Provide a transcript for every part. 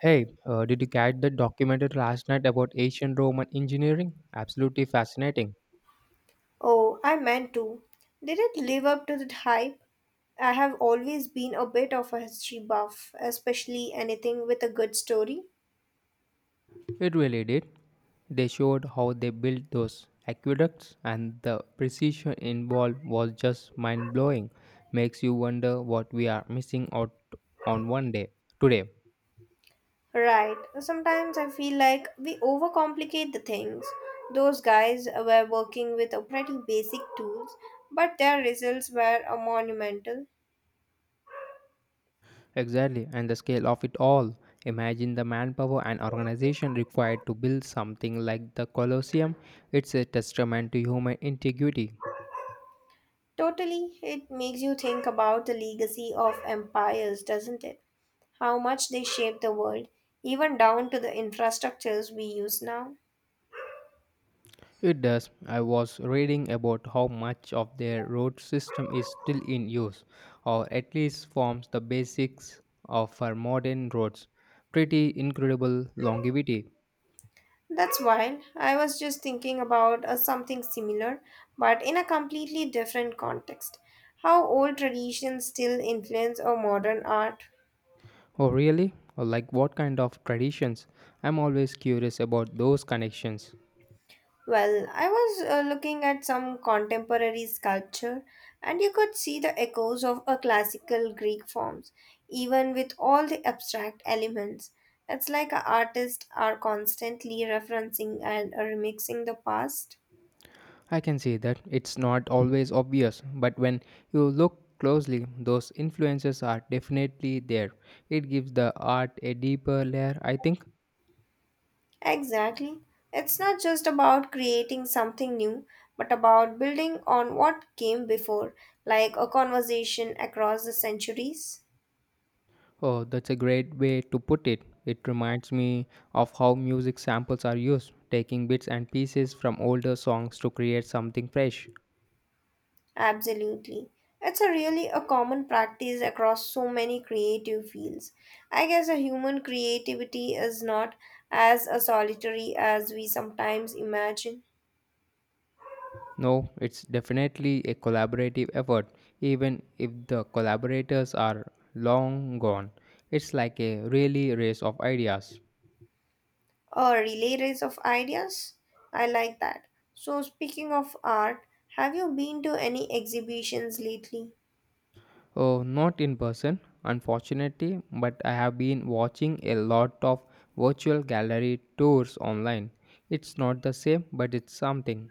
Hey, did you catch that documentary last night about ancient Roman engineering? Absolutely fascinating. Oh, I meant to. Did it live up to the hype? I have always been a bit of a history buff, especially anything with a good story. It really did. They showed how they built those aqueducts, and the precision involved was just mind blowing. Makes you wonder what we are missing out on one day today. Right. Sometimes I feel like we overcomplicate the things. Those guys were working with a pretty basic tools, but their results were a monumental. Exactly, and the scale of it all. Imagine the manpower and organization required to build something like the Colosseum. It's a testament to human integrity. Totally, it makes you think about the legacy of empires, doesn't it? How much they shaped the world, even down to the infrastructures we use now. It does. I was reading about how much of their road system is still in use, or at least forms the basics of our modern roads. Pretty incredible longevity. That's wild. I was just thinking about something similar, but in a completely different context. How old traditions still influence our modern art? Oh, really? Or like what kind of traditions? I'm always curious about those connections. Well, I was looking at some contemporary sculpture, and you could see the echoes of a classical Greek forms, even with all the abstract elements. It's like our artists are constantly referencing and remixing the past. I can see that it's not always obvious, but when you look closely, those influences are definitely there. It gives the art a deeper layer, I think. Exactly. It's not just about creating something new, but about building on what came before, like a conversation across the centuries. Oh, that's a great way to put it. It reminds me of how music samples are used, taking bits and pieces from older songs to create something fresh. Absolutely. It's a really a common practice across so many creative fields. I guess a human creativity is not as a solitary as we sometimes imagine. No, it's definitely a collaborative effort, even if the collaborators are long gone. It's like a really race of ideas. A relay race of ideas. I like that. So speaking of art, have you been to any exhibitions lately? Oh, not in person, unfortunately, but I have been watching a lot of virtual gallery tours online. It's not the same, but it's something.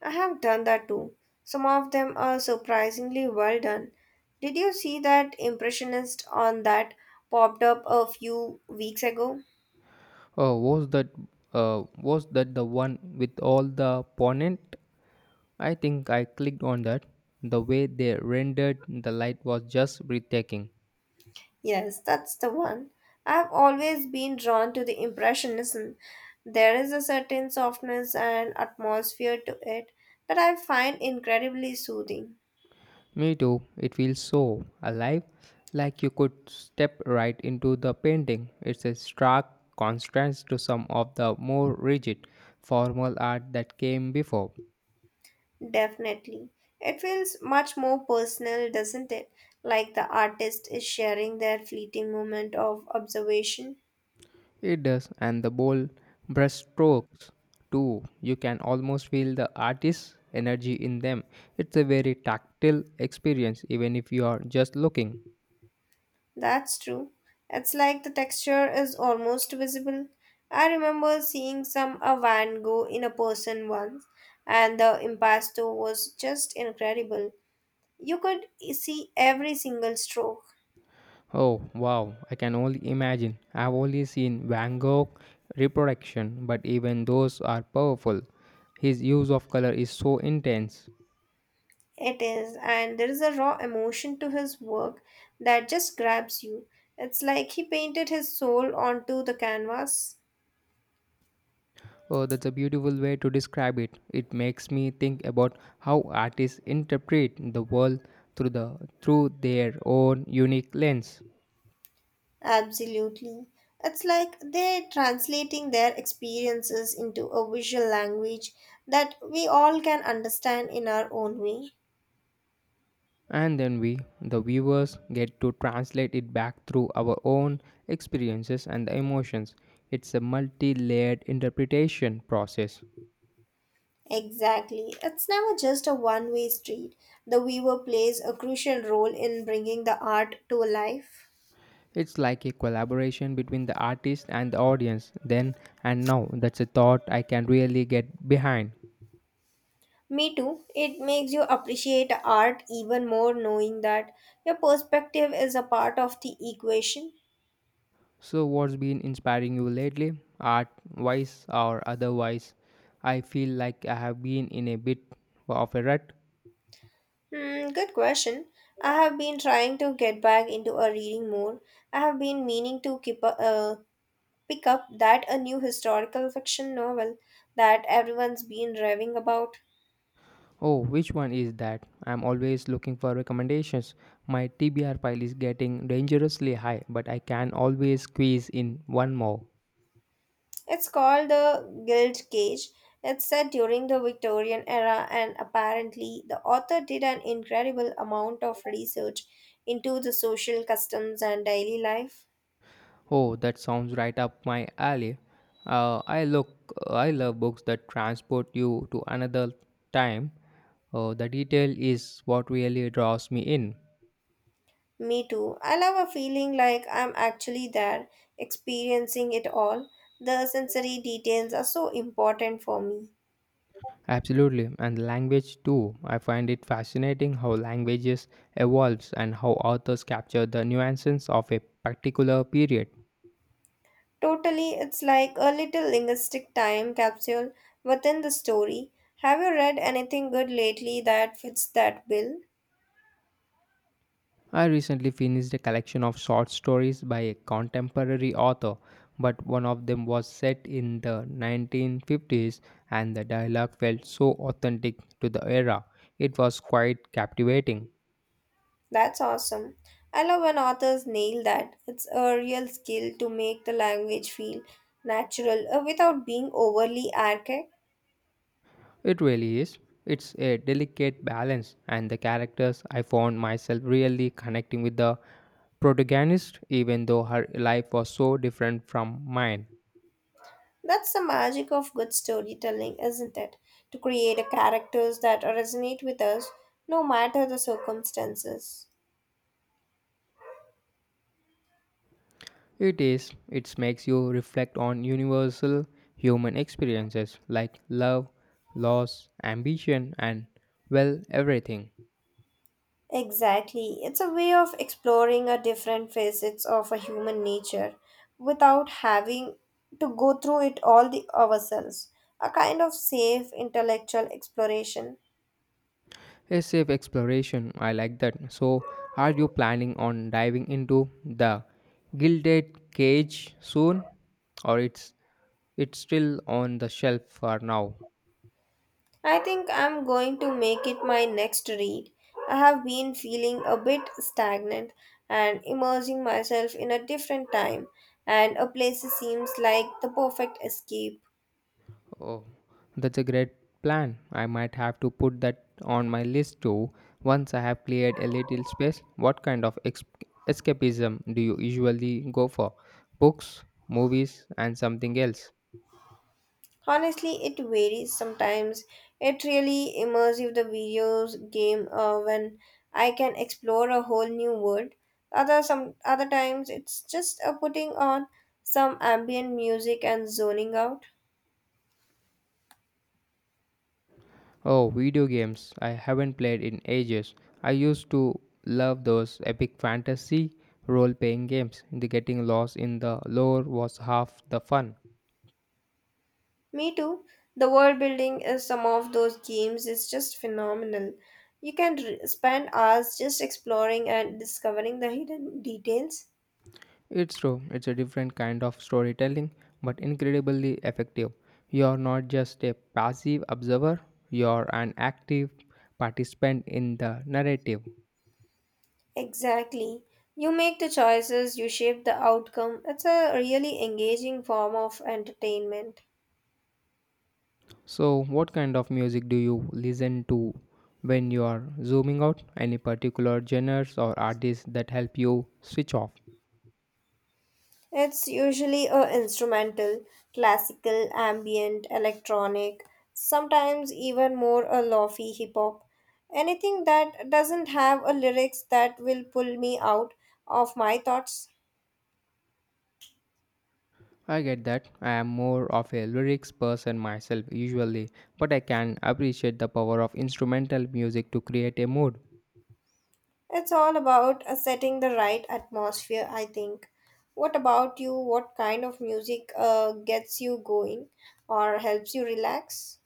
I have done that too. Some of them are surprisingly well done. Did you see that impressionist on that popped up a few weeks ago? Oh, was that the one with all the ponent? I think I clicked on that. The way they rendered the light was just breathtaking. Yes, that's the one. I've always been drawn to the impressionism. There is a certain softness and atmosphere to it that I find incredibly soothing. Me too. It feels so alive, like you could step right into the painting. It's a stark contrast to some of the more rigid, formal art that came before. Definitely. It feels much more personal, doesn't it? Like the artist is sharing their fleeting moment of observation. It does, and the bold brushstrokes too. You can almost feel the artist's energy in them. It's a very tactile experience, even if you are just looking. That's true. It's like the texture is almost visible. I remember seeing some a Van Gogh in a person once, and the impasto was just incredible. You could see every single stroke. Oh wow, I can only imagine. I've only seen Van Gogh reproduction, but even those are powerful. His use of color is so intense. It is, and there is a raw emotion to his work that just grabs you. It's like he painted his soul onto the canvas. Oh, that's a beautiful way to describe it. It makes me think about how artists interpret the world through the through their own unique lens. Absolutely. It's like they're translating their experiences into a visual language that we all can understand in our own way. And then we, the viewers, get to translate it back through our own experiences and the emotions. It's a multi-layered interpretation process. Exactly. It's never just a one way street. The viewer plays a crucial role in bringing the art to life. It's like a collaboration between the artist and the audience, then and now. That's a thought I can really get behind. Me too. It makes you appreciate art even more knowing that your perspective is a part of the equation. So, what's been inspiring you lately, art wise or otherwise? I feel like I have been in a bit of a rut. Hmm, good question. I have been trying to get back into a reading more. I have been meaning to pick up that a new historical fiction novel that everyone's been raving about. Oh, which one is that? I'm always looking for recommendations. My TBR pile is getting dangerously high, but I can always squeeze in one more. It's called The Guild Cage. It's set during the Victorian era, and apparently, the author did an incredible amount of research into the social customs and daily life. Oh, that sounds right up my alley. Uh, I look, I love books that transport you to another time. The detail is what really draws me in. Me too. I love a feeling like I'm actually there, experiencing it all. The sensory details are so important for me. Absolutely, and language too. I find it fascinating how languages evolves and how authors capture the nuances of a particular period. Totally, it's like a little linguistic time capsule within the story. Have you read anything good lately that fits that bill? I recently finished a collection of short stories by a contemporary author, but one of them was set in the 1950s and the dialogue felt so authentic to the era. It was quite captivating. That's awesome. I love when authors nail that. It's a real skill to make the language feel natural without being overly archaic. It really is. It's a delicate balance, and the characters I found myself really connecting with the protagonist, even though her life was so different from mine. That's the magic of good storytelling, isn't it? To create a characters that resonate with us no matter the circumstances. It is. It makes you reflect on universal human experiences like love, loss, ambition, and well, everything. Exactly. It's a way of exploring a different facets of a human nature without having to go through it all the ourselves. A kind of safe intellectual exploration. A safe exploration. I like that. So, are you planning on diving into the gilded cage soon, or it's still on the shelf for now. I think I'm going to make it my next read. I have been feeling a bit stagnant and immersing myself in a different time, and a place seems like the perfect escape. Oh, that's a great plan. I might have to put that on my list too. Once I have cleared a little space, what kind of escapism do you usually go for? Books, movies, and something else? Honestly, it varies sometimes. It really immersive the videos game when I can explore a whole new world. Other some other times it's just a putting on some ambient music and zoning out. Oh, video games. I haven't played in ages. I used to love those epic fantasy role playing games. The getting lost in the lore was half the fun. Me too. The world building in some of those games is just phenomenal. You can spend hours just exploring and discovering the hidden details. It's true, it's a different kind of storytelling, but incredibly effective. You're not just a passive observer, you're an active participant in the narrative. Exactly. You make the choices, you shape the outcome. It's a really engaging form of entertainment. So, what kind of music do you listen to when you're zooming out? Any particular genres or artists that help you switch off? It's usually a instrumental, classical, ambient, electronic, sometimes even more a lofi hip hop. Anything that doesn't have a lyrics that will pull me out of my thoughts. I get that. I am more of a lyrics person myself usually, but I can appreciate the power of instrumental music to create a mood. It's all about setting the right atmosphere, I think. What about you? What kind of music gets you going or helps you relax?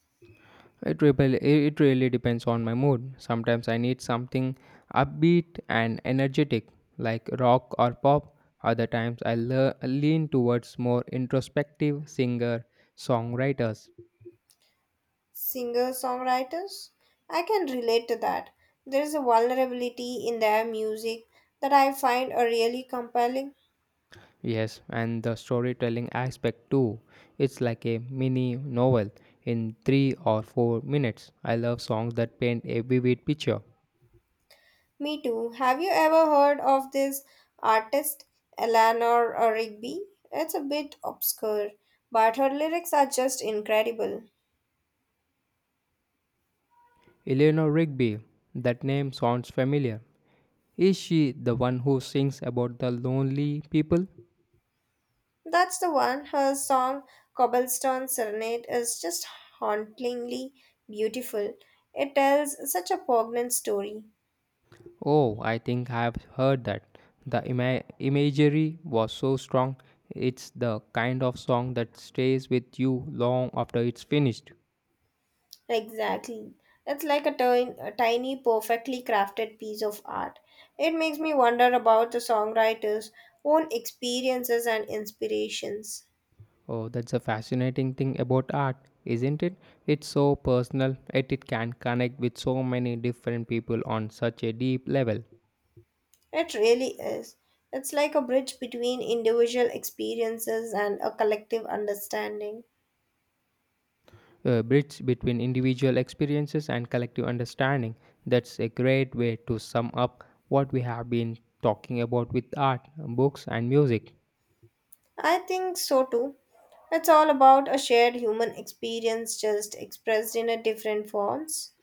It really depends on my mood. Sometimes I need something upbeat and energetic, like rock or pop. Other times I lean towards more introspective singer songwriters. Singer songwriters? I can relate to that. There is a vulnerability in their music that I find are really compelling. Yes, and the storytelling aspect too. It's like a mini novel in 3 or 4 minutes. I love songs that paint a vivid picture. Me too. Have you ever heard of this artist, Eleanor Rigby? It's a bit obscure, but her lyrics are just incredible. Eleanor Rigby, that name sounds familiar. Is she the one who sings about the lonely people? That's the one. Her song Cobblestone Serenade is just hauntingly beautiful. It tells such a poignant story. Oh, I think I've heard that. The imagery was so strong. It's the kind of song that stays with you long after it's finished. Exactly. It's like a tiny, perfectly crafted piece of art. It makes me wonder about the songwriter's own experiences and inspirations. Oh, that's a fascinating thing about art, isn't it? It's so personal, yet it can connect with so many different people on such a deep level. It really is. It's like a bridge between individual experiences and a collective understanding. A bridge between individual experiences and collective understanding. That's a great way to sum up what we have been talking about with art, books, and music. I think so too. It's all about a shared human experience just expressed in a different forms.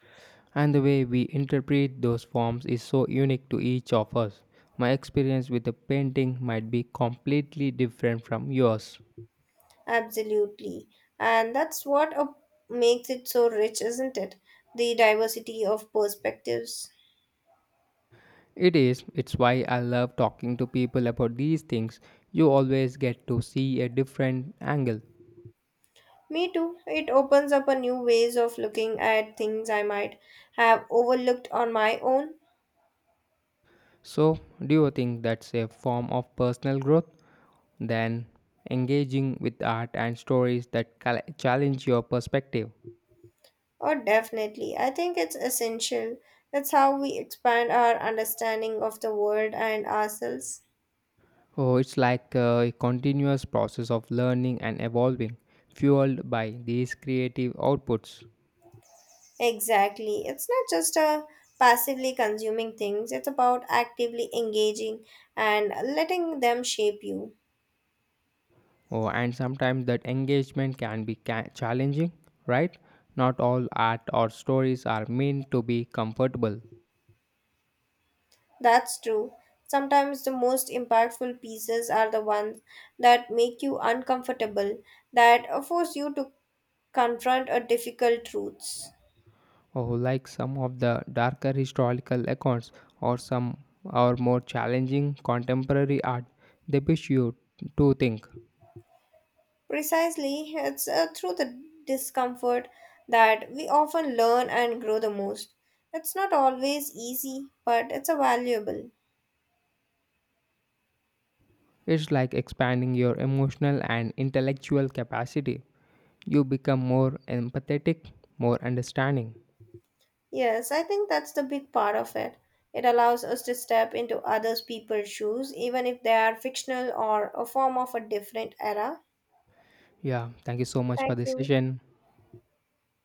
And the way we interpret those forms is so unique to each of us. My experience with a painting might be completely different from yours. Absolutely. And makes it so rich, isn't it? The diversity of perspectives. It is, it's why I love talking to people about these things. You always get to see a different angle. Me too. It opens up a new ways of looking at things I might have overlooked on my own. So, do you think that's a form of personal growth? Then, engaging with art and stories that challenge your perspective. Oh, definitely. I think it's essential. That's how we expand our understanding of the world and ourselves. Oh, it's like a continuous process of learning and evolving, fueled by these creative outputs. Exactly. It's not just a passively consuming things, it's about actively engaging and letting them shape you. Oh, and sometimes that engagement can be challenging, right? Not all art or stories are meant to be comfortable. That's true. Sometimes the most impactful pieces are the ones that make you uncomfortable, that force you to confront a difficult truths. Oh, like some of the darker historical accounts or some or more challenging contemporary art, they push you to think. Precisely, it's through the discomfort that we often learn and grow the most. It's not always easy, but it's a valuable. It's like expanding your emotional and intellectual capacity. You become more empathetic, more understanding. Yes, I think that's the big part of it. It allows us to step into others people's shoes, even if they are fictional or a form of a different era. Yeah, thank you so much for Thank this you. session.